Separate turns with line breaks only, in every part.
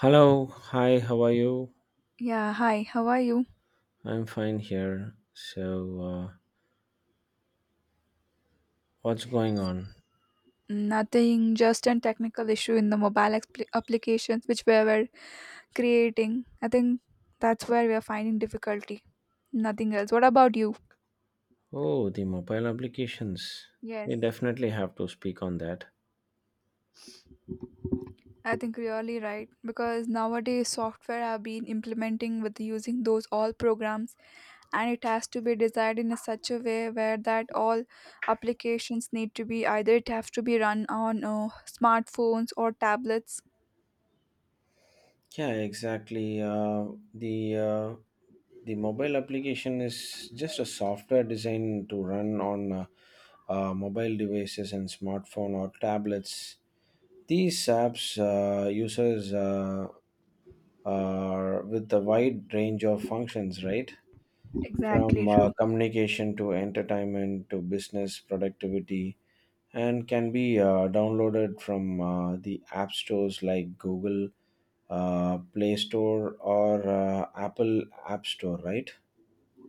Hello, hi, how are you?
Yeah, hi, how are you?
I'm fine here. So, uh, what's going on?
Nothing, just a technical issue in the mobile expli applications which we were creating. I think that's where we are finding difficulty. Nothing else. What about you?
Oh, the mobile applications.
Yes,
We definitely have to speak on that.
I think really right because nowadays software have been implementing with using those all programs and it has to be designed in a such a way where that all applications need to be either it has to be run on smartphones or tablets.
Yeah, exactly. The uh, the mobile application is just a software designed to run on mobile devices and smartphone or tablets. These apps users are with a wide range of functions, right? From
Exactly true.
communication to entertainment to business productivity and can be downloaded from the app stores like Google, Play Store, or Apple App Store, right?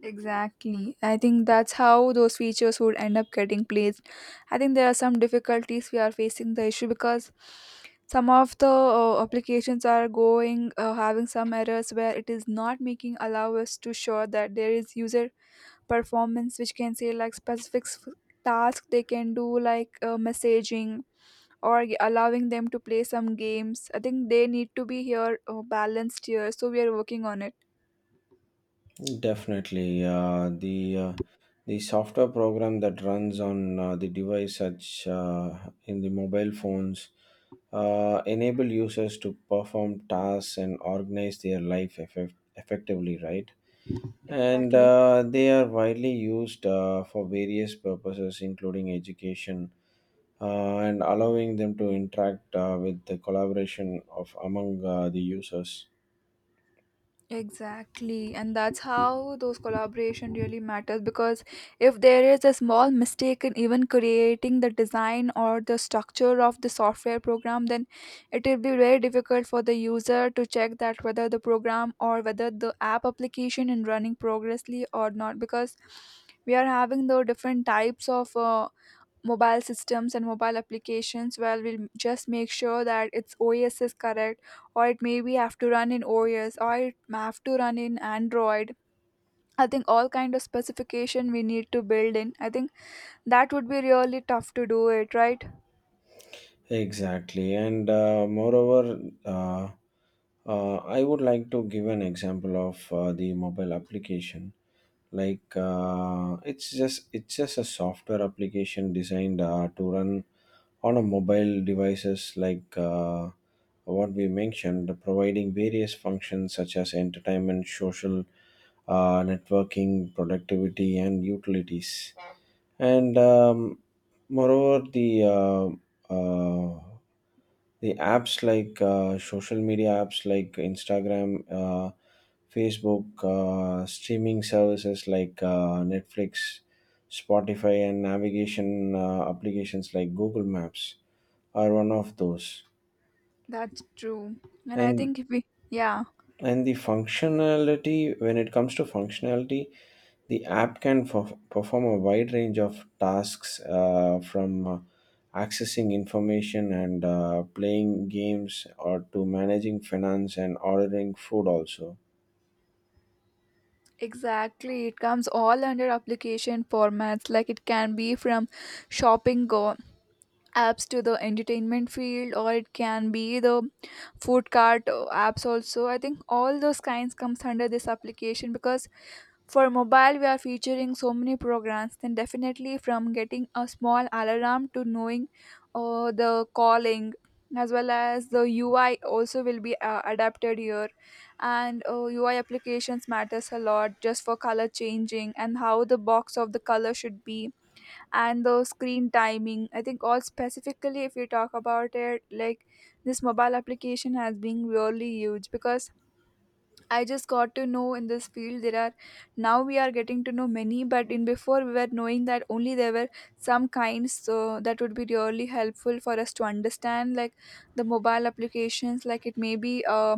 Exactly. I think that's how those features would end up getting placed. I think there are some difficulties we are facing the issue because some of the applications are going having some errors where it is not making allow us to show that there is user performance which can say like specific task they can do like messaging or allowing them to play some games. I think they need to be here balanced here so we are working on it.
Definitely. The software program that runs on the device, such in the mobile phones, enable users to perform tasks and organize their life effectively, right? And
Exactly.
they are widely used for various purposes, including education, and allowing them to interact with the collaboration of among the users.
Exactly, and that's how those collaboration really matters because if there is a small mistake in even creating the design or the structure of the software program, then it will be very difficult for the user to check that whether the program or whether the app application is running progressly or not because we are having the different types of mobile systems and mobile applications well we'll just make sure that its os is correct or it maybe have to run in os or it may have to run in android. I think all kind of specification we need to build in. I think that would be really tough to do it, right?
Exactly, and moreover I would like to give an example of the mobile application, like, it's just a software application designed to run on a mobile devices, like, what we mentioned, providing various functions such as entertainment, social, networking, productivity, and utilities. And moreover, uh, the apps like social media apps like Instagram, Facebook, streaming services like Netflix, Spotify, and navigation applications like Google Maps are one of those.
That's true, and I
and
think if we yeah
and the functionality, when it comes to functionality, the app can perform a wide range of tasks, from accessing information and playing games or to managing finance and ordering food also.
exactly it comes all under application formats like it can be from shopping go apps to the entertainment field or it can be the food cart apps also. I think all those kinds comes under this application because for mobile we are featuring so many programs then definitely from getting a small alarm to knowing the calling as well as the ui also will be adapted here, and ui applications matters a lot just for color changing and how the box of the color should be and the screen timing. I think all specifically if you talk about it like this mobile application has been really huge because I just got to know in this field there are now we are getting to know many but in before we were knowing that only there were some kinds, so that would be really helpful for us to understand like the mobile applications like it may be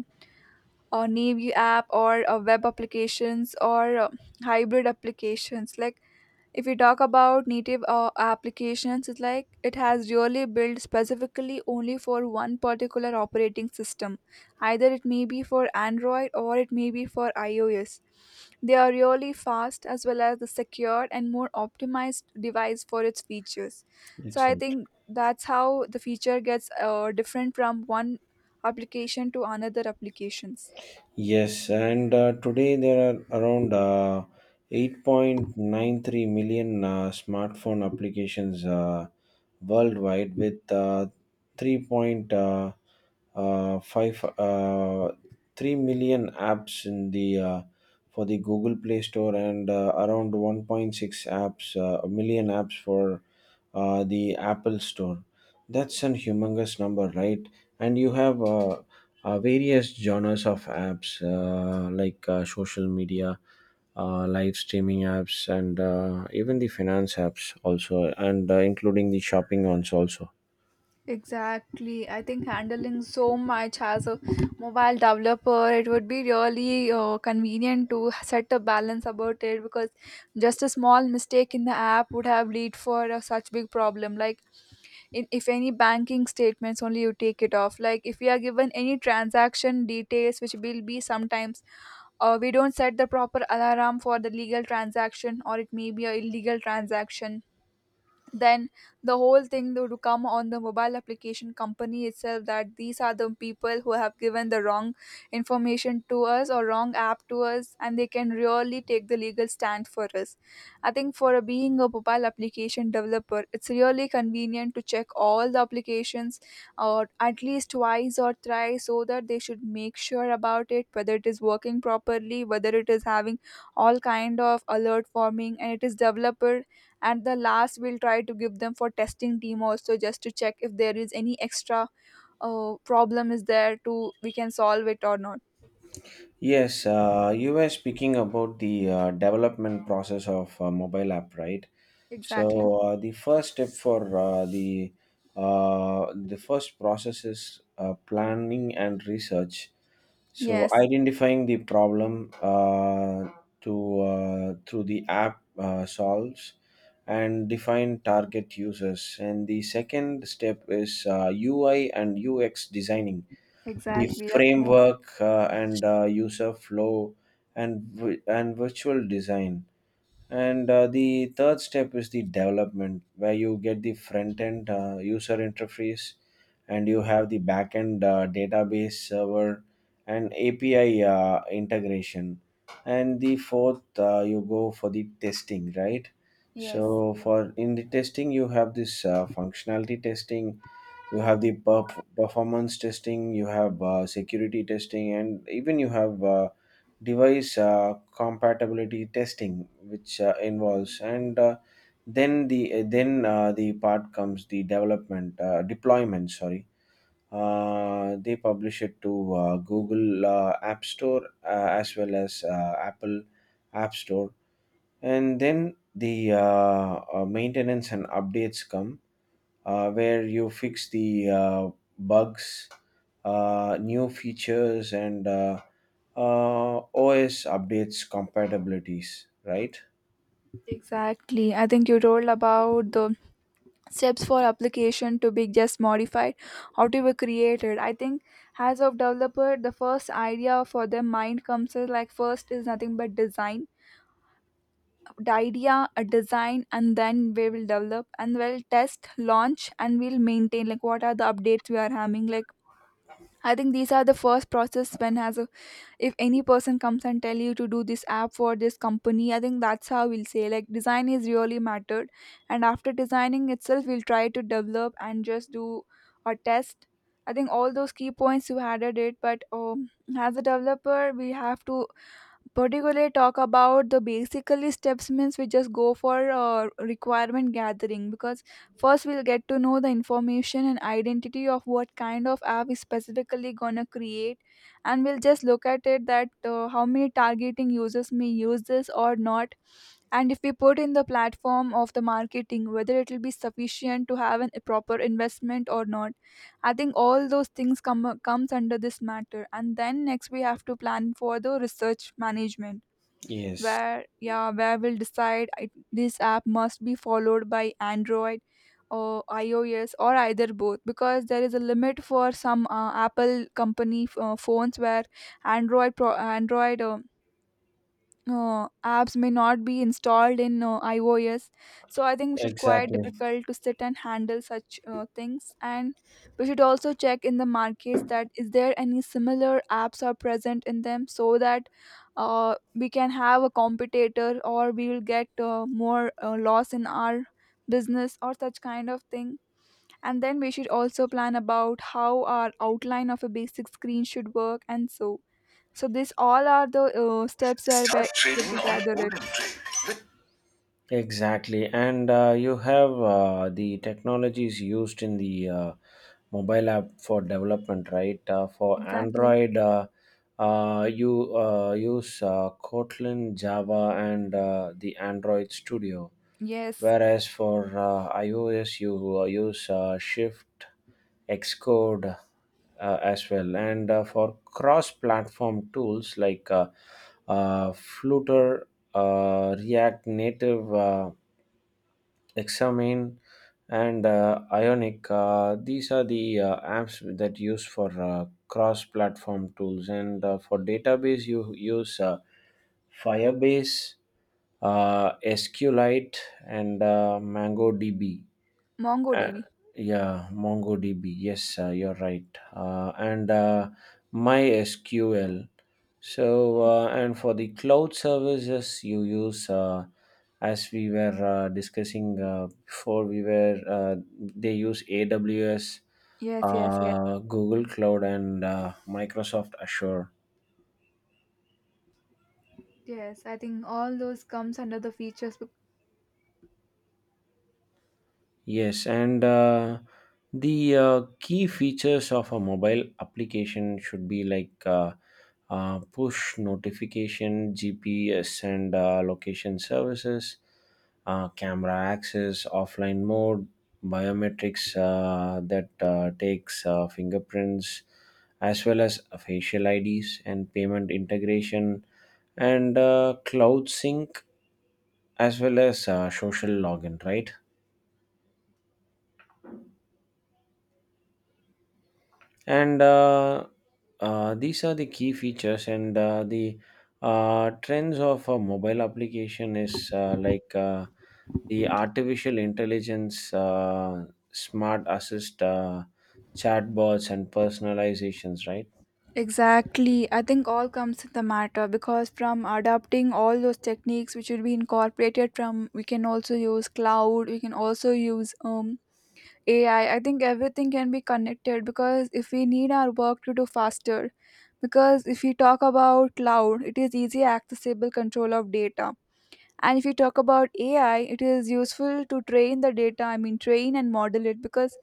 a navy app or a web applications or hybrid applications. Like if we talk about native applications, it's like it has really built specifically only for one particular operating system either it may be for android or it may be for ios. They are really fast as well as the secure and more optimized device for its features. So I
Exactly.
think that's how the feature gets different from one application to another applications.
Yes, and today there are around 8.93 million smartphone applications worldwide, with 3.5 uh, five, uh, 3 million apps in the for the Google Play Store, and around 1.6 apps million apps for the Apple Store. That's an humongous number, right? And you have various genres of apps like social media, live streaming apps, and even the finance apps also, and including the shopping ones also.
Exactly. I think handling so much as a mobile developer, it would be really convenient to set a balance about it because just a small mistake in the app would have lead for a such big problem. Like in, if any banking statements only you take it off. Like if we are given any transaction details, which will be sometimes we don't set the proper alarm for the legal transaction or it may be a illegal transaction, then the whole thing would come on the mobile application company itself that these are the people who have given the wrong information to us or wrong app to us and they can really take the legal stand for us. I think for a, being a mobile application developer it's really convenient to check all the applications or at least twice or thrice so that they should make sure about it whether it is working properly, whether it is having all kind of alert forming and it is developer, and the last we'll try to give them for testing team also just to check if there is any extra problem is there to we can solve it or not.
Yes, you were speaking about the development process of mobile app, right?
Exactly.
So the first step for the first process is planning and research. So
Yes.
identifying the problem to through the app solves and define target users. And the second step is UI and UX designing, the
Exactly, that's more.
framework and user flow and virtual design. And the third step is the development, where you get the front end user interface and you have the back end database server and API integration. And the fourth, you go for the testing, right?
Yes.
So, for in the testing, you have this functionality testing, you have the performance testing, you have security testing, and even you have device compatibility testing which involves. And the part comes the development deployment, sorry, they publish it to Google App Store as well as Apple App Store. And then the maintenance and updates come, where you fix the bugs, new features, and OS updates compatibilities, right?
Exactly, I think you told about the steps for application to be just modified, how to be created. I think as of developer the first idea for their mind comes is like first is nothing but design the idea a design and then we will develop and we'll test launch and we'll maintain like what are the updates we are having. Like I think these are the first process when has a if any person comes and tell you to do this app for this company. I think that's how we'll say like design is really mattered, and after designing itself we'll try to develop and just do a test. I think all those key points you added it, but as a developer we have to particularly talk about the basically steps means we just go for requirement gathering because first we'll get to know the information and identity of what kind of app is specifically gonna create and we'll just look at it that how many targeting users may use this or not, and if we put in the platform of the marketing whether it will be sufficient to have an, a proper investment or not. I think all those things come comes under this matter, and then next we have to plan for the research management
Yes,
where yeah where we'll decide I, this app must be followed by android or ios or either both because there is a limit for some apple company phones where android android apps may not be installed in iOS. So I think we should quite
exactly.
difficult to sit and handle such things. And we should also check in the markets that is there any similar apps are present in them so that we can have a competitor or we will get more loss in our business or such kind of thing, and then we should also plan about how our outline of a basic screen should work and so so these all are the steps are
Start
where
trading
we
on
gather
Odin
it.
Trade. Exactly, and you have the technologies used in the mobile app for development, right? For
Exactly.
Android, you use Kotlin, Java, and the Android Studio.
Yes.
Whereas for iOS, you use Shift, Xcode as well. And for cross platform tools like Flutter, React Native, hexamine, and ionic, these are the apps that use for cross platform tools. And for database you use Firebase, SQLite, and MongoDB. uh,
MongoDB.
yeah, MongoDB. Yes, you're right. And MySQL. So, and for the cloud services, you use, as we were discussing before, they use AWS,
Yes, yes, yes.
Google Cloud, and Microsoft Azure.
Yes, I think all those comes under the features. Bec-
Yes, and the key features of a mobile application should be like push notification, GPS, and location services, camera access, offline mode, biometrics that takes fingerprints, as well as facial IDs and payment integration, and cloud sync, as well as social login, right? And these are the key features. And the trends of a mobile application is like the artificial intelligence, smart assist, chatbots, and personalizations, right?
Exactly. I think all comes in the matter because from adapting all those techniques which will be incorporated from we can also use cloud, we can also use AI. I think everything can be connected because if we need our work to do faster, because if we talk about cloud, it is easy accessible control of data. And if you talk about ai it is useful to train the data, I mean train and model it because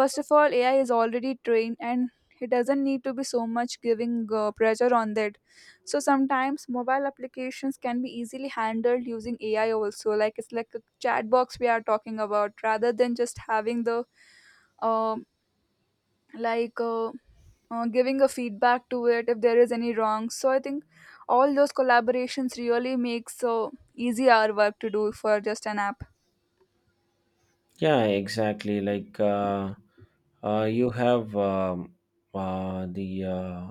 first of all ai is already trained and it doesn't need to be so much giving pressure on that. So sometimes mobile applications can be easily handled using ai also like it's like a chat box we are talking about rather than just having the um like uh, giving a feedback to it if there is any wrong. So I think all those collaborations really makes so easy our work to do for just an app.
Yeah, exactly. Like you have uh, the uh,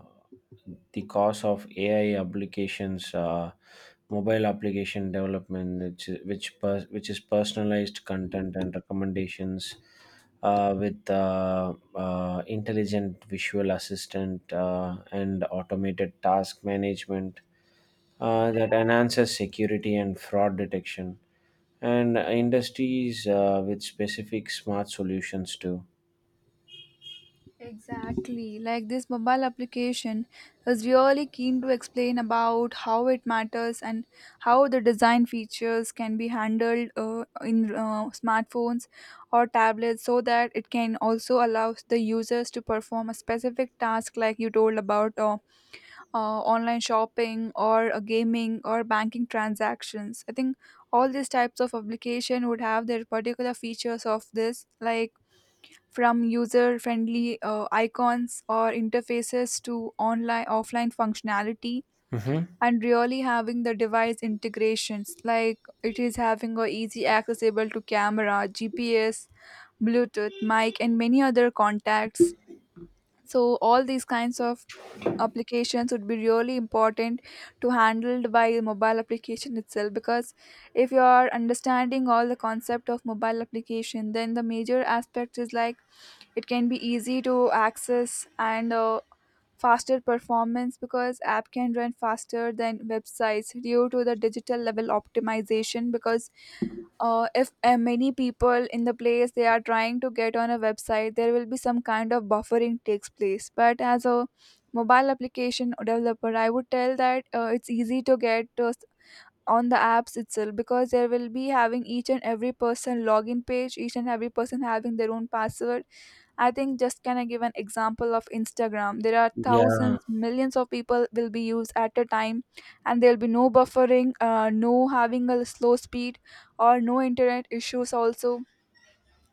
the cost of AI applications, mobile application development, which is personalized content and recommendations with intelligent visual assistant and automated task management that enhances security and fraud detection and industries with specific smart solutions too.
Exactly. Like this mobile application is really keen to explain about how it matters and how the design features can be handled in smartphones or tablets so that it can also allow the users to perform a specific task like you told about online shopping or gaming or banking transactions. I think all these types of application would have their particular features of this, like from user-friendly icons or interfaces to online offline functionality,
Hmm.
and really having the device integrations like it is having a easy accessible to camera gps bluetooth mic and many other contacts. So all these kinds of applications would be really important to handled by the mobile application itself because if you are understanding all the concept of mobile application then the major aspect is like it can be easy to access and faster performance because app can run faster than websites due to the digital level optimization because if many people in the place they are trying to get on a website there will be some kind of buffering takes place but as a mobile application developer I would tell that it's easy to get on the apps itself because there will be having each and every person login page, each and every person having their own password. I think just can I give an example of Instagram? There are
Yeah.
thousands, millions of people will be used at a time, and there'll be no buffering, no having a slow speed, or no internet issues also.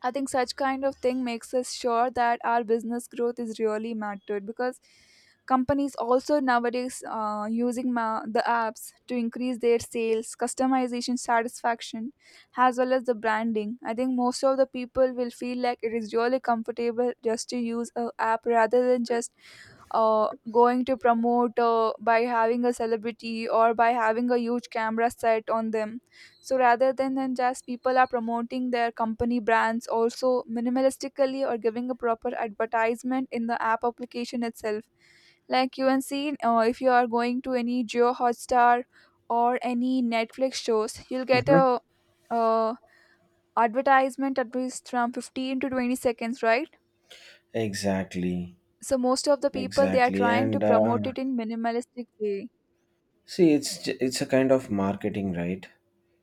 I think such kind of thing makes us sure that our business growth is really mattered because companies also nowadays the apps to increase their sales, customization satisfaction, as well as the branding. I think most of the people will feel like it is really comfortable just to use a app rather than just going to promote by having a celebrity or by having a huge camera set on them, so rather than just people are promoting their company brands also minimalistically or giving a proper advertisement in the app application itself. Like you can see, if you are going to any Geo Hotstar or any Netflix shows, you'll get
Mhm.
uh advertisement at least from 15 to 20 seconds, right?
Exactly.
So most of the people they are
Exactly.
trying to
And
promote it in minimalistic way.
see, it's a kind of marketing, right?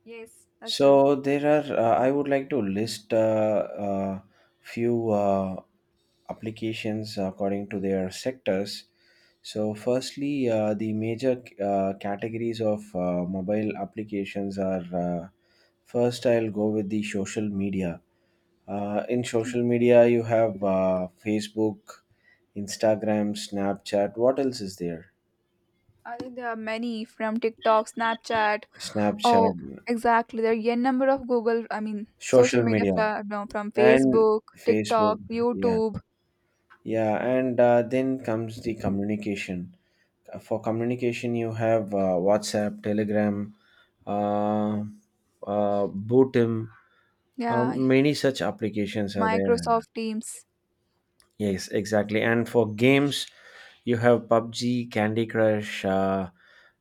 Yes, that's true.
So there are. I would like to list a uh, few applications according to their sectors. So, firstly, the major categories of mobile applications are first, I'll go with the social media. In social media, you have Facebook, Instagram, Snapchat. What else is there?
I think there are many from TikTok, Snapchat. Oh,
Snapchat,
exactly. There are n number of
social media,
no, from
and
Facebook,
Facebook.
TikTok,
Yeah,
YouTube,
yeah, and then comes the communication. For communication, you have WhatsApp, Telegram, uh, Bootim.
yeah,
Many such applications are there.
Microsoft Teams.
Yes, exactly. And for games, you have PUBG, Candy Crush. Uh,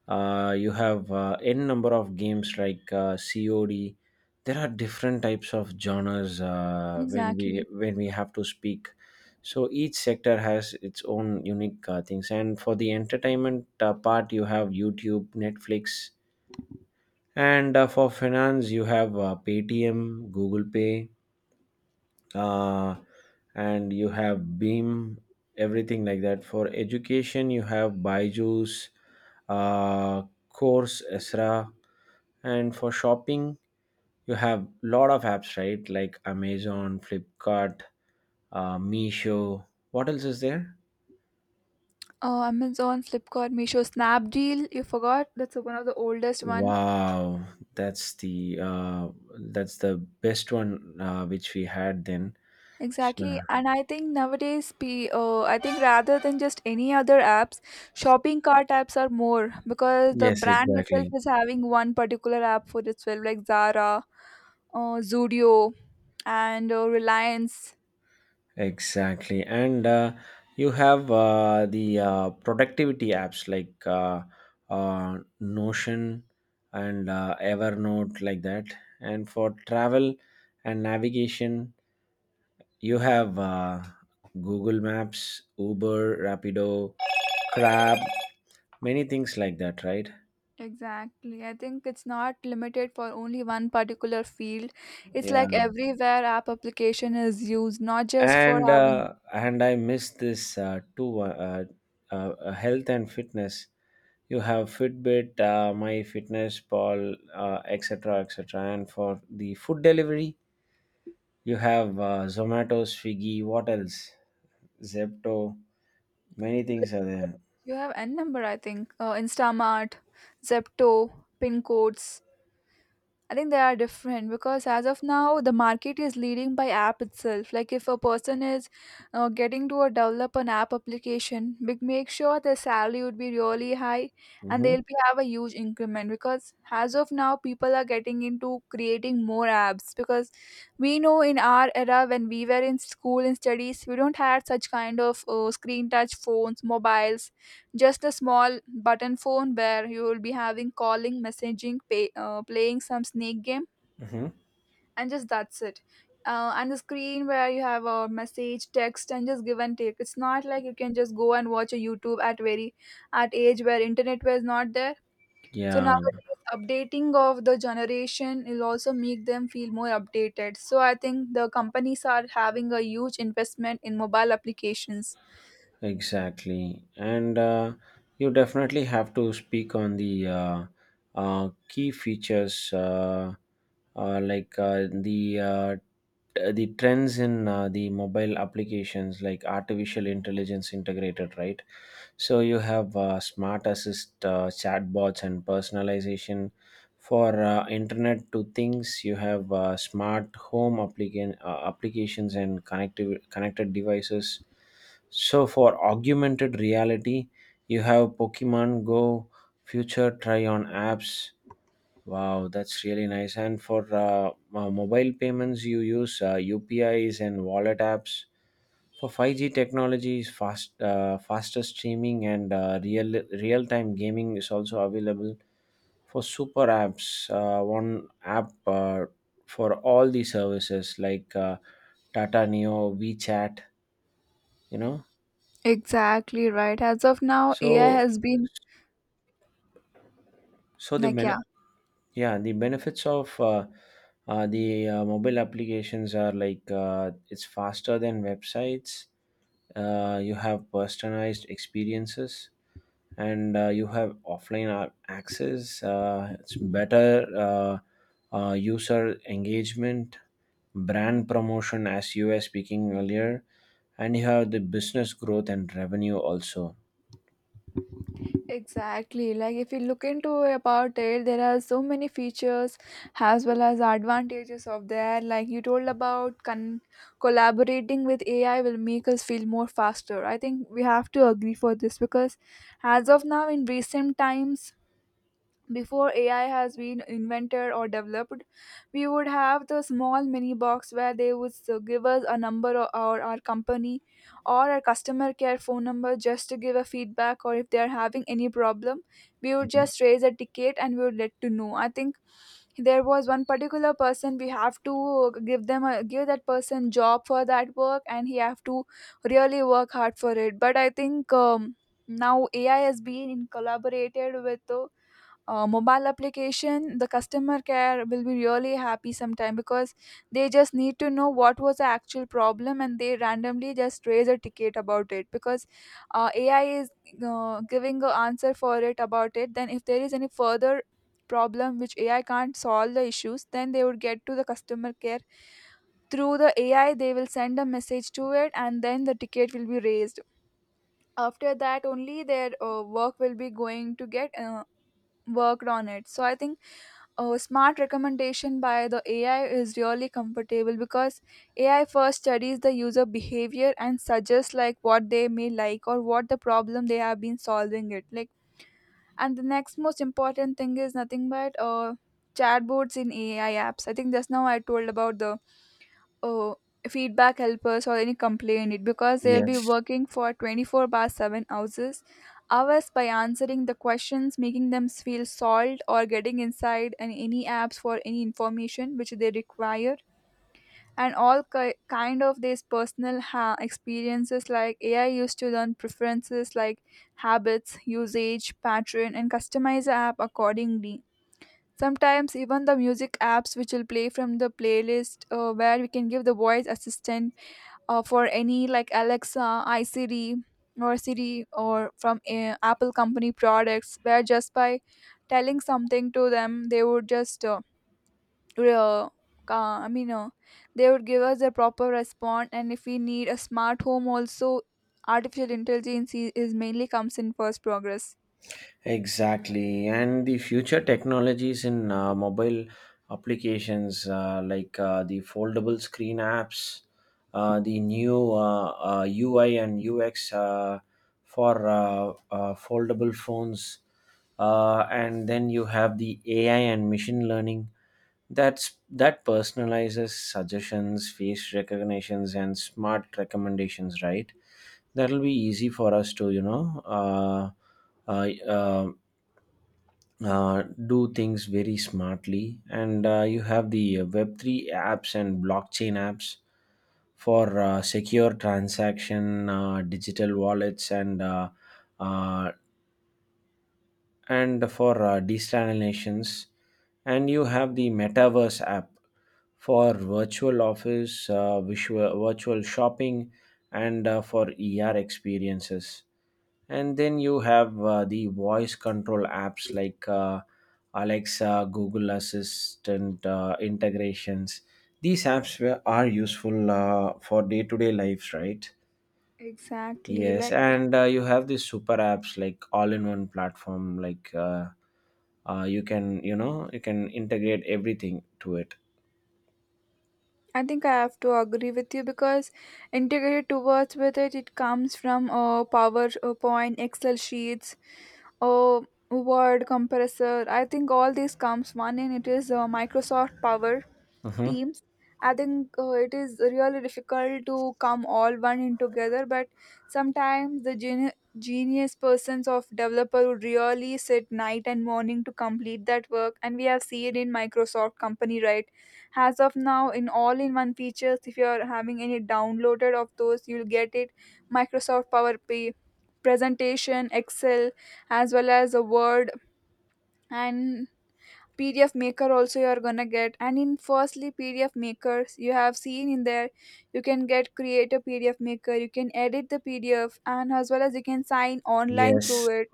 uh, You have n number of games like COD. There are different types of genres when we
Exactly.
when we have to speak. So each sector has its own unique things. And for the entertainment part, you have YouTube, Netflix, and for finance, you have Paytm, Google Pay, uh, and you have Beam, everything like that. For education, you have Byju's, uh, Course, Esra, and for shopping, you have lot of apps, right? Like Amazon, Flipkart, Meesho. What else is there?
Oh, Amazon, Flipkart, Meesho, Snapdeal. You forgot? That's one of the oldest one.
Wow, that's the uh, that's the best one which we had then.
Exactly.
So,
And I think nowadays, I think rather than just any other apps, shopping cart apps are more because the
yes,
brand itself
exactly.
is having one particular app for itself, like Zara, Zudio, and Reliance.
Exactly. And you have the productivity apps like Notion and Evernote, like that. And for travel and navigation, you have Google Maps, Uber, Rapido, Crab, many things like that, right?
Exactly. I think it's not limited for only one particular field. It's
Yeah.
like everywhere app application is used, not just for having.
And I miss this too. Health and fitness, you have Fitbit, My Fitness Pal, etc., etc. And for the food delivery, you have Zomato, Swiggy. What else? Zepto. Many things are there.
You have N number, I think. Instamart, Zepto, pin codes. I think they are different because as of now, the market is leading by app itself. Like if a person is getting to a develop an app application, make sure their salary would be really high and
Mm-hmm.
they'll be have a huge increment because as of now, people are getting into creating more apps because we know in our era when we were in school and studies, we don't had such kind of screen touch phones, mobiles, just a small button phone where you will be having calling, messaging, pay, playing some snake game
Mm-hmm.
and just that's it. And the screen where you have a message text and just give and take, it's not like you can just go and watch a YouTube at very at age where internet was not there. So
Yeah.
nowadays updating of the generation will also make them feel more updated, so I think the companies are having a huge investment in mobile applications.
Exactly. And you definitely have to speak on the key features, like the trends in the mobile applications, like artificial intelligence integrated, right? So you have smart assist, chatbots, and personalization. For internet to things, you have smart home applications and connected devices. So for augmented reality, you have Pokemon Go, future try on apps. Wow, that's really nice. And for mobile payments, you use UPIs and wallet apps. For 5G technologies, faster streaming and real time gaming is also available. For super apps, one app for all the services like Tata Neo, WeChat, you know.
Exactly, right. As of now, AI
So
has been
so the
like, yeah.
benefits. Yeah, the benefits of the mobile applications are like it's faster than websites. You have personalized experiences, and you have offline access. It's better user engagement, brand promotion, as you were speaking earlier, and you have the business growth and revenue also.
Exactly. Like if you look into about it, there are so many features as well as advantages of that. Like you told about collaborating with AI will make us feel more faster. I think we have to agree for this because as of now in recent times, before AI has been invented or developed, we would have the small mini box where they would give us a number or our company or our customer care phone number just to give a feedback, or if they are having any problem, we would
Mhm.
just raise a ticket and we would let to know. I think there was one particular person we have to give them a give that person job for that work and he have to really work hard for it. But I think now AI has been in collaborated with. Mobile application, the customer care will be really happy sometime because they just need to know what was the actual problem and they randomly just raise a ticket about it because AI is giving an answer for it about it. Then if there is any further problem which AI can't solve the issues, then they would get to the customer care through the AI, they will send a message to it and then the ticket will be raised. After that only their work will be going to get worked on it. So I think a smart recommendation by the AI is really comfortable because AI first studies the user behavior and suggests like what they may like or what the problem they have been solving it like. And the next most important thing is nothing but chatbots in AI apps. I think just now I told about the oh, feedback helpers or any complaint it because they'll be
Yes.
working for 24 by 7 houses hours by answering the questions, making them feel solved or getting inside and any apps for any information which they require. And all kind of these personal experiences like AI used to learn preferences like habits, usage pattern, and customize the app accordingly. Sometimes even the music apps which will play from the playlist, where we can give the voice assistant for any like Alexa, iSiri, or Siri, or from Apple company products, where just by telling something to them, they would just, re- uh, I mean, uh, they would give us a proper response. And if we need a smart home, also artificial intelligence is mainly comes in first progress.
Exactly. And the future technologies in mobile applications, like the foldable screen apps, the new UI and UX for foldable phones, and then you have the AI and machine learning that's that personalizes suggestions, face recognitions, and smart recommendations. Right, that'll be easy for us to, you know, uh, uh, do things very smartly. And you have the web3 apps and blockchain apps for secure transaction, digital wallets, uh, and for desalinations, and you have the metaverse app for virtual office, virtual shopping, and for experiences. And then you have the voice control apps like Alexa, Google Assistant integrations. These are useful for day-to-day lives, right?
Exactly,
Yes,
like
and you have these super apps like all-in-one platform. Like you can, you know, you can integrate everything to it.
I think I have to agree with you because integrated towards with it, it comes from PowerPoint, Excel sheets, uh, Word compressor. I think all these comes one in it is Microsoft Power
Hmm.
Teams. I think it is really difficult to come all one in together, but sometimes the genius persons of developer would really sit night and morning to complete that work and we have seen in Microsoft company, right? As of now in all in one features, if you are having any downloaded of those, you'll get it. Microsoft Power Pay, presentation, Excel, as well as a Word and PDF maker also you are gonna get. And in firstly PDF makers you have seen in there, you can get create a PDF maker, you can edit the PDF, and as well as you can sign online through
Yes,
it.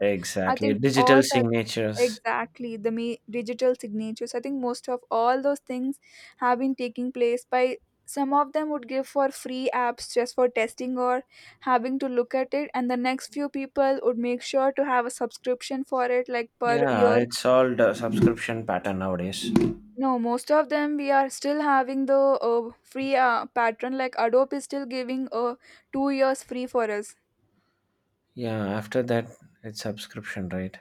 I
exactly.
think all
Digital
such
signatures.
exactly the me digital signatures, I think most of all those things have been taking place by some of them would give for free apps just for testing or having to look at it, and the next few people would make sure to have a subscription for it like per
Yeah,
year.
it's all the subscription pattern nowadays.
No, most of them we are still having the free pattern. Like Adobe is still giving 2 years free for us.
Yeah, after that, it's subscription, right?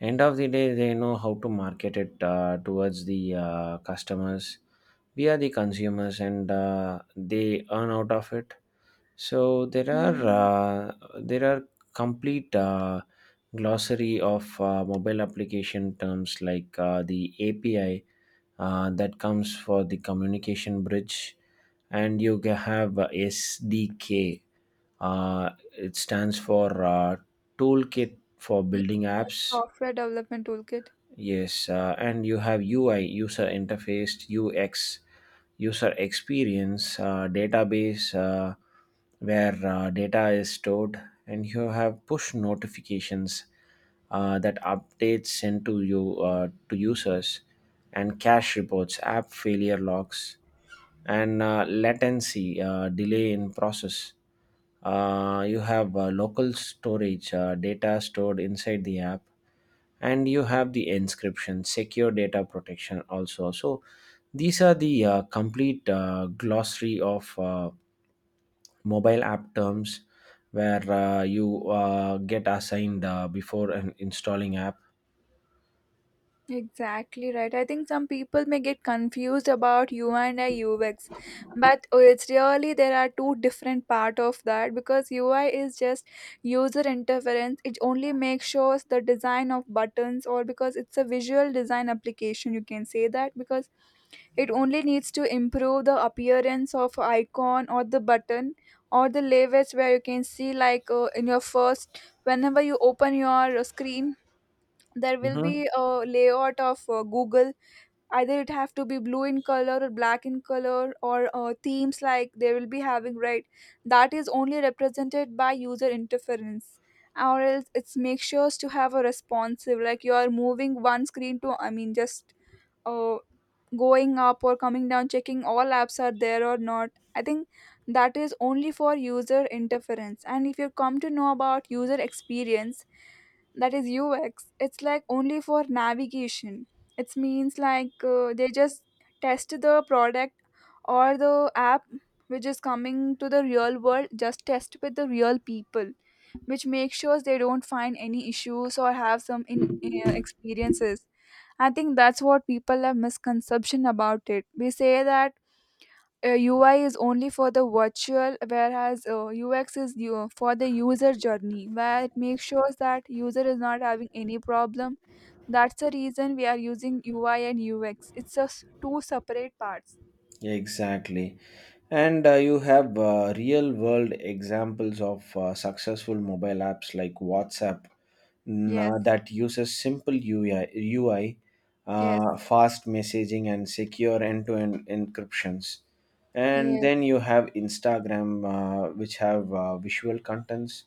End of the day, they know how to market it towards the customers. We are the consumers, and they earn out of it. So
Mm,
there are complete glossary of mobile application terms like the API that comes for the communication bridge, and have SDK. Uh, it stands for toolkit for
yeah,
building apps.
software development toolkit.
Yes, and you have UI, user interface, UX, user experience, database, where data is stored, and you have push notifications that updates sent to you to users, and cache reports, app failure logs, and latency, delay in process. You have local storage, data stored inside the app, and you have the inscription secure data protection also. So these are the complete glossary of mobile app terms where you get assigned before an installing app.
Exactly right. I think some people may get confused about UI and UX, but it's really there are two different part of that because UI is just user interference. It only makes sure the design of buttons or because it's a visual design application. You can say that because it only needs to improve the appearance of icon or the button or the layouts where you can see like, in your first, whenever you open your screen, there will
Mhm.
be a layout of Google, either it have to be blue in color or black in color or themes like they will be having, right? That is only represented by user interference. Or else it's make sure to have a responsive like you are moving one screen to, I mean just uh, going up or coming down, checking all apps are there or not. I think that is only for user interference. And if you come to know about user experience, that is UX, it's like only for navigation. It means like they just test the product or the app which is coming to the real world, just test with the real people, which makes sure they don't find any issues or have some experiences. I think that's what people have misconception about it. We say that UI is only for the virtual, whereas UX is for the user journey, where it makes sure that user is not having any problem. That's the reason we are using UI and UX. It's just two separate parts.
Exactly. And you have real world examples of successful mobile apps like WhatsApp,
Yes,
that uses simple UI, UI
yes,
uh, fast messaging, and secure end to end encryptions. And then
yes.
you have Instagram, which have visual contents,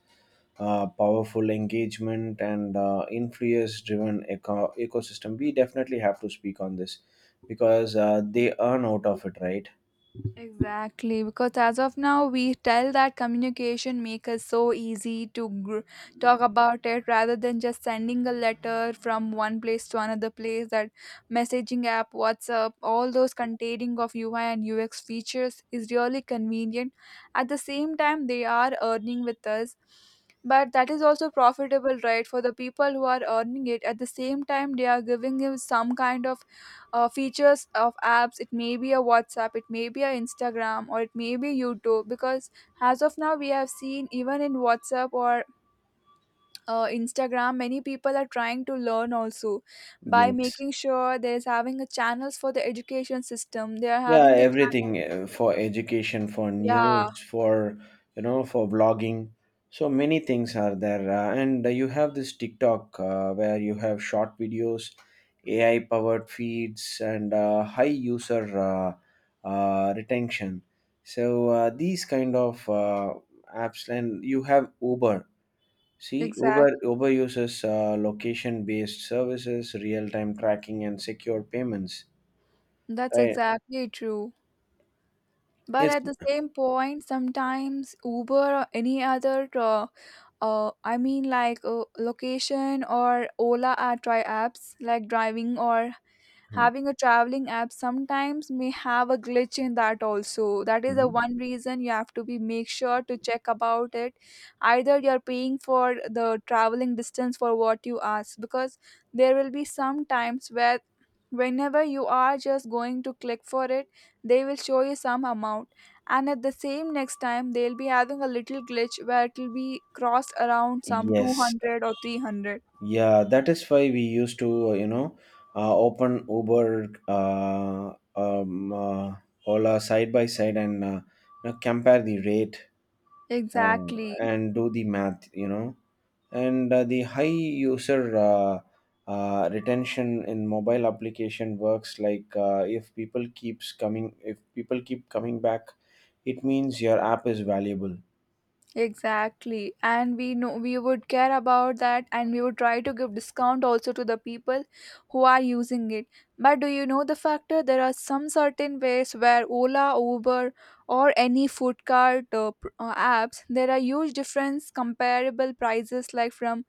powerful engagement, and influence driven ecosystem. We definitely have to speak on this because they earn out of it, right?
Exactly, because as of now, we tell that communication make us so easy to talk about it rather than just sending a letter from one place to another place. That messaging app, WhatsApp, all those containing of UI and UX features is really convenient. At the same time, they are earning with us, but that is also profitable, right? For the people who are earning it, at the same time, they are giving you some kind of features of apps. It may be a WhatsApp, it may be a Instagram, or it may be YouTube. Because as of now we have seen, even in WhatsApp or Instagram, many people are trying to learn also by
Yes.
making sure there is having a channels for the education system. They are
Yeah,
having the
everything
channels,
for education, for
yeah,
news, for you know, for blogging. So many things are there, and you have this TikTok where you have short videos, AI powered feeds, and high user retention. So these kind of apps, and you have Uber. See, Uber
exact,
Uber uses location based services, real time tracking, and secure payments.
that's
Right?
exactly true. But
It's...
at the same point, sometimes Uber or any other, I mean, like location or Ola are try apps like driving or
Mhm.
having a traveling app, sometimes may have a glitch in that also. That is the
Mhm.
one reason you have to be make sure to check about it, either you're paying for the traveling distance for what you ask. Because there will be some times where whenever you are just going to click for it, they will show you some amount, and at the same next time they'll be having a little glitch where it will be crossed around some
Yes,
200 or 300.
yeah, that is why we used to, you know, open Uber, Ola side by side and you know, compare the rate, uh,
Exactly.
and do the math, you know. And the high user retention in mobile application works like if people keeps coming, if people keep coming back, it means your app is valuable.
Exactly. And we know we would care about that, and we would try to give discount also to the people who are using it. But do you know the factor? There are some certain ways where Ola, Uber or any food cart apps, there are huge difference comparable prices, like from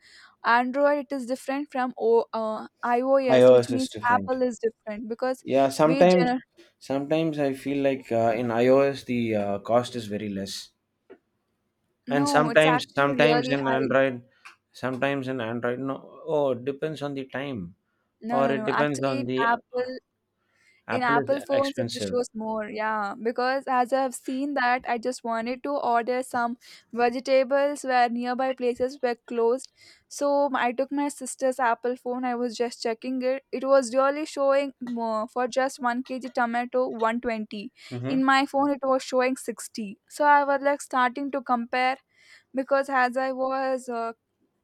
Android it is different from iOS, which
iOS is
means
different.
Apple is different. Because
Yeah,
we
sometimes
gener-
sometimes I feel like in iOS the cost is very less, and
no, it's
sometimes
actually
sometimes
really
in
high.
Android, sometimes in Android. No, oh, it depends on the time
No,
or
no,
it
no.
depends
Actually,
on
in
the
Apple, in
Apple is
Apple phones it
expensive.
shows more, yeah. Because as I've seen that, I just wanted to order some vegetables where nearby places were closed, so I took my sister's Apple phone. I was just checking it, it was really showing more for just 1 kg tomato 120.
Hmm.
In my phone it was showing 60, so I was like starting to compare. Because as I was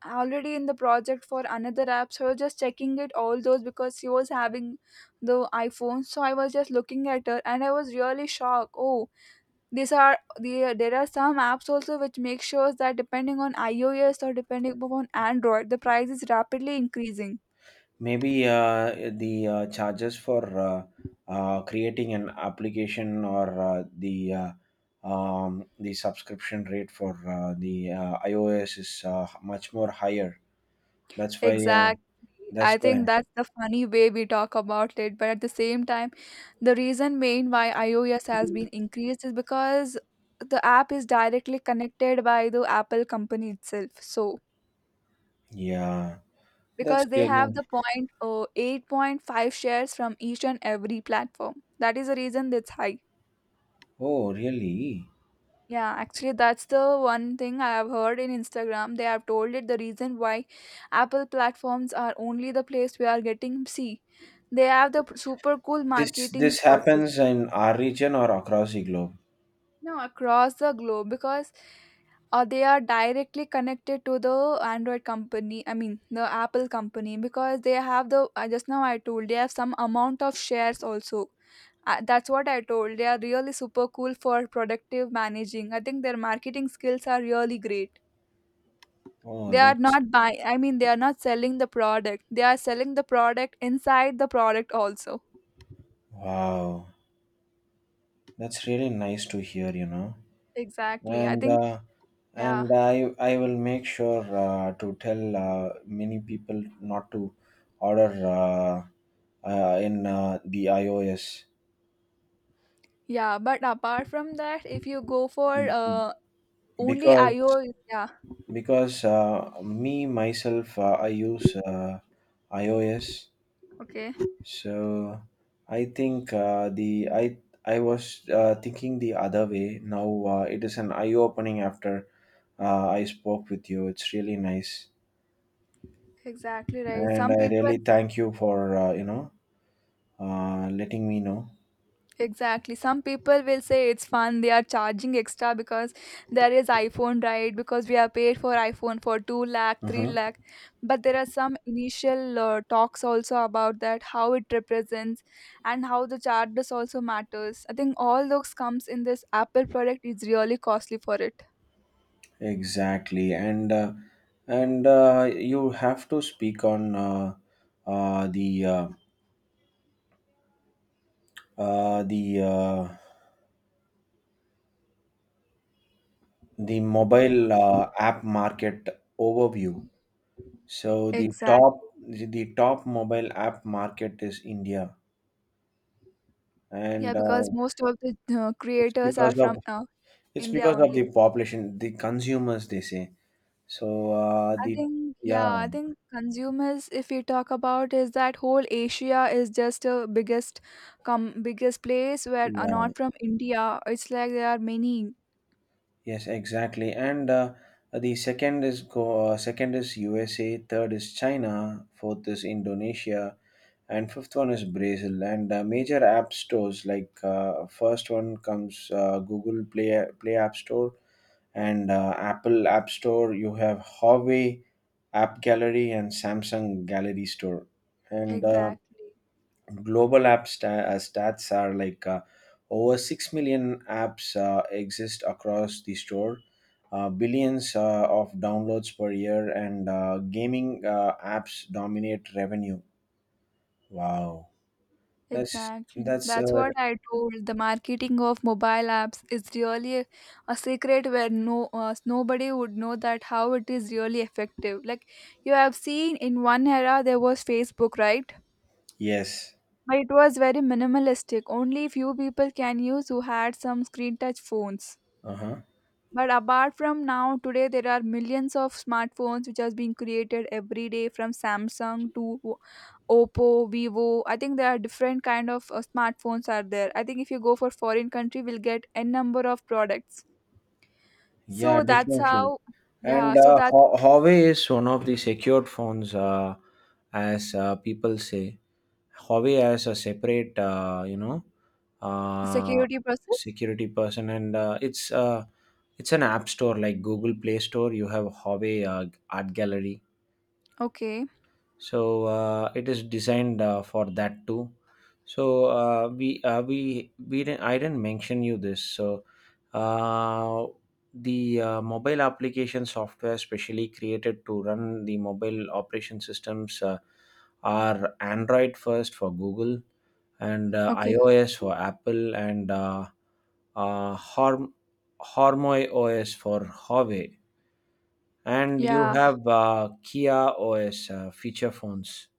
already in the project for another app, so I was just checking it all those because she was having the iPhone, so I was just looking at her and I was really shocked. Oh, these are the there are some apps also which make sure that depending on iOS or depending upon Android, the price is rapidly increasing.
Maybe the charges for creating an application or the subscription rate for the iOS is much more higher. That's why.
Exactly.
That's
I
why.
think that's the funny way we talk about it. But at the same time, the reason main why iOS has been increased is because the app is directly connected by the Apple company itself. So
Yeah, that's
because they have
really...
the point 8.5 shares from each and every platform. That is the reason that's high.
Oh, really?
Yeah, actually, that's the one thing I have heard in Instagram. They have told it the reason why Apple platforms are only the place we are getting, see. They have the super cool
This
marketing
this
process.
happens in our region or across the globe?
You know, across the globe. Because they are directly connected to the Android company. I mean, the Apple company, because they have the just now I told, they have some amount of shares also. That's what I told. They are really super cool for productive managing. I think their marketing skills are really great.
Oh,
They are
that's
not buying, I mean, they are not selling the product. They are selling the product inside the product also.
wow. That's really nice to hear, you know.
Exactly. I
And
think,
uh,
yeah.
and I I will make sure to tell many people not to order in the iOS,
Yeah. But apart from that, if you go for only
because
iOS, yeah.
because me myself I use iOS.
Okay.
So I think uh, the I I was thinking the other way. Now it is an eye opening after I spoke with you. It's really nice,
Exactly right.
and
Some
I
people.
really thank you for you know, letting me know.
Exactly. Some people will say it's fun. They are charging extra because there is iPhone, right? Because we are paid for iPhone for 2 lakh, 3
Hmm.
lakh. But there are some initial talks also about that, how it represents and how the charges also matters. I think all those comes in this Apple product is really costly for it.
Exactly, and you have to speak on uh, the uh, uh, the uh, the mobile app market overview. So the
Exactly.
top the the top mobile app market is India,
Yeah,
and
because most of the
it's
creators are
because of
from India
the
only.
population, the consumers they say. So
I
the
think,
yeah.
yeah, I think consumers, if we talk about, is that whole Asia is just a biggest, com biggest place where are
Yeah.
not from India. It's like there are many.
Yes, exactly, and the second is USA, third is China, fourth is Indonesia, and fifth one is Brazil. And major app stores like first one comes Google Play App Store, and Apple App Store. You have Huawei App Gallery and Samsung Gallery Store. And
Exactly.
global stats are like over 6 million apps exist across the store, billions of downloads per year, and gaming apps dominate revenue. Wow.
Exactly.
That's
That's what I told. The marketing of mobile apps is really a secret where no nobody would know that how it is really effective. Like you have seen in one era there was Facebook, right?
Yes.
But it was very minimalistic. Only few people can use who had some screen touch phones.
Uh-huh.
But apart from now, today there are millions of smartphones which has been created every day from Samsung to Oppo, Vivo. I think there are different kind of smartphones are there. I think if you go for foreign country, we'll get n number of products.
Yeah,
So that's
definitely.
how, yeah.
And
So that
Huawei is one of the secured phones, as people say. Huawei has a separate, you know, uh,
security process.
security person, and it's an app store like Google Play Store. You have Huawei Art Gallery,
Okay.
so it is designed for that too. So we didn't, I didn't mention you this. So uh, the mobile application software specially created to run the mobile operation systems are Android first for Google, and
Okay.
iOS for Apple, and uh, Harm, Harmony OS for Huawei, and you
Yeah.
have Kia OS feature phones.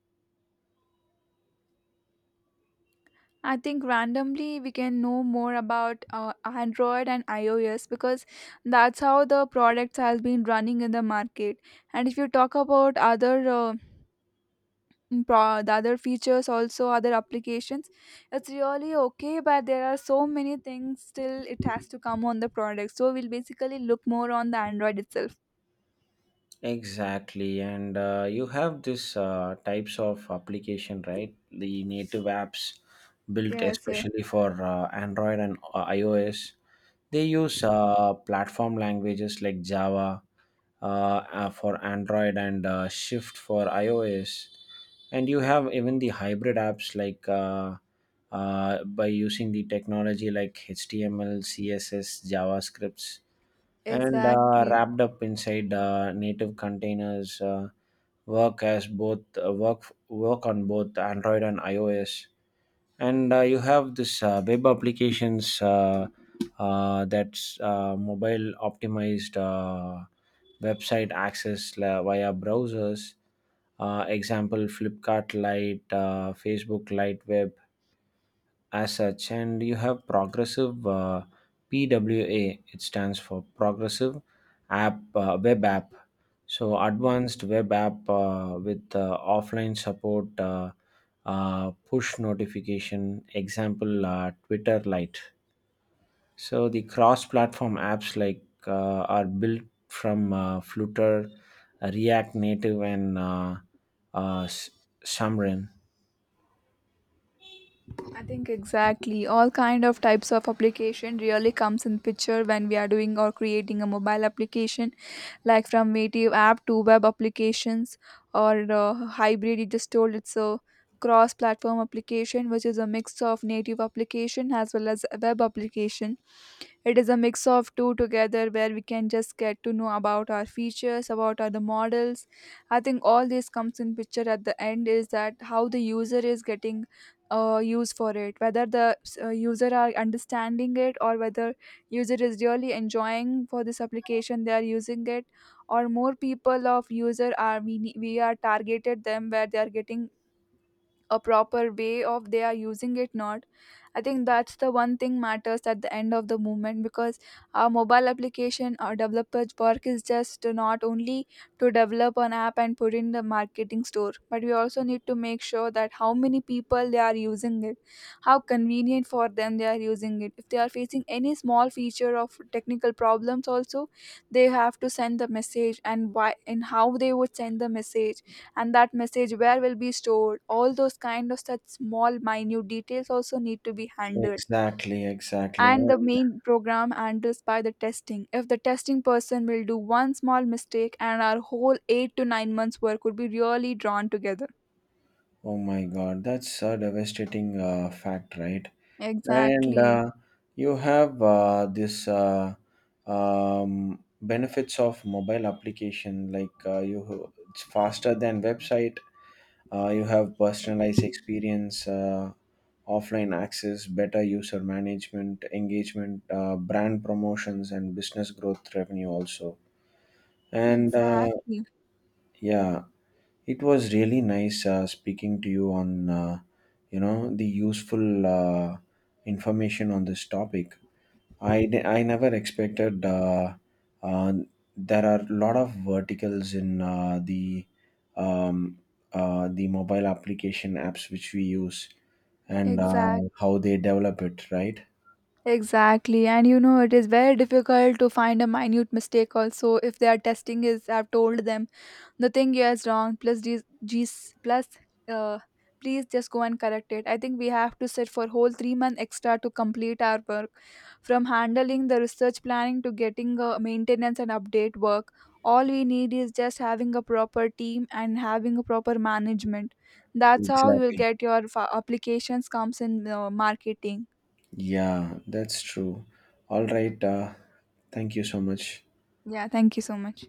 I think randomly we can know more about Android and iOS because that's how the products has been running in the market. And if you talk about other the other features also other applications, it's really okay. But there are so many things still it has to come on the product. So we'll basically look more on the Android itself.
Exactly, and you have this types of application, right? The native apps built
Yes, yes,
especially for Android and iOS. They use platform languages like Java, for Android, and Shift for iOS. And you have even the hybrid apps like by using the technology like HTML, CSS, JavaScripts, and
exactly.
wrapped up inside native containers, work as both work work on both Android and iOS. And you have this web applications, that's mobile optimized website access via browsers, example Flipkart Lite, Facebook Lite Web as such. And you have progressive, PWA, it stands for progressive app web app. So advanced web app with offline support, push notification, example Twitter Lite. So the cross platform apps like are built from Flutter, React Native, and uh, S- Xamarin.
I think exactly all kind of types of application really comes in picture when we are doing or creating a mobile application, like from native app to web applications, or hybrid. You just told it's a cross-platform application, which is a mix of native application as well as a web application. It is a mix of two together where we can just get to know about our features, about our the models. I think all this comes in picture at the end is that how the user is getting use for it, whether the user are understanding it, or whether user is really enjoying for this application they are using it, or more people of user are we are targeted them where they are getting a proper way of they are using it, not. I think that's the one thing matters at the end of the movement. Because our mobile application or developer's work is just not only to develop an app and put in the marketing store, but we also need to make sure that how many people they are using it, how convenient for them they are using it. If they are facing any small feature of technical problems also, they have to send the message, and why and how they would send the message, and that message where will be stored, all those kind of such small minute details also need to be handled.
Exactly, exactly.
And the main program handles by the testing. If the testing person will do one small mistake and our whole 8 to 9 months work would be really drawn together,
Oh my God, that's a devastating fact, right? And
exactly.
you have this benefits of mobile application, like you it's faster than website. You have personalized experience, offline access, better user management, engagement, brand promotions, and business growth revenue also. And
Exactly,
yeah, it was really nice speaking to you on, you know, the useful information on this topic. I never expected uh, there are a lot of verticals in um, the mobile application apps which we use, and
exact,
how they develop it, right?
exactly. And you know, it is very difficult to find a minute mistake also. If their testing is, I've told them, nothing here is wrong plus these g's plus uh please, just go and correct it. I think we have to sit for whole 3 month extra to complete our work, from handling the research planning to getting maintenance and update work. All we need is just having a proper team and having a proper management. That's how you'll
Exactly.
get your applications comes in marketing.
Yeah, that's true. All right. Thank you so much.
Yeah, thank you so much.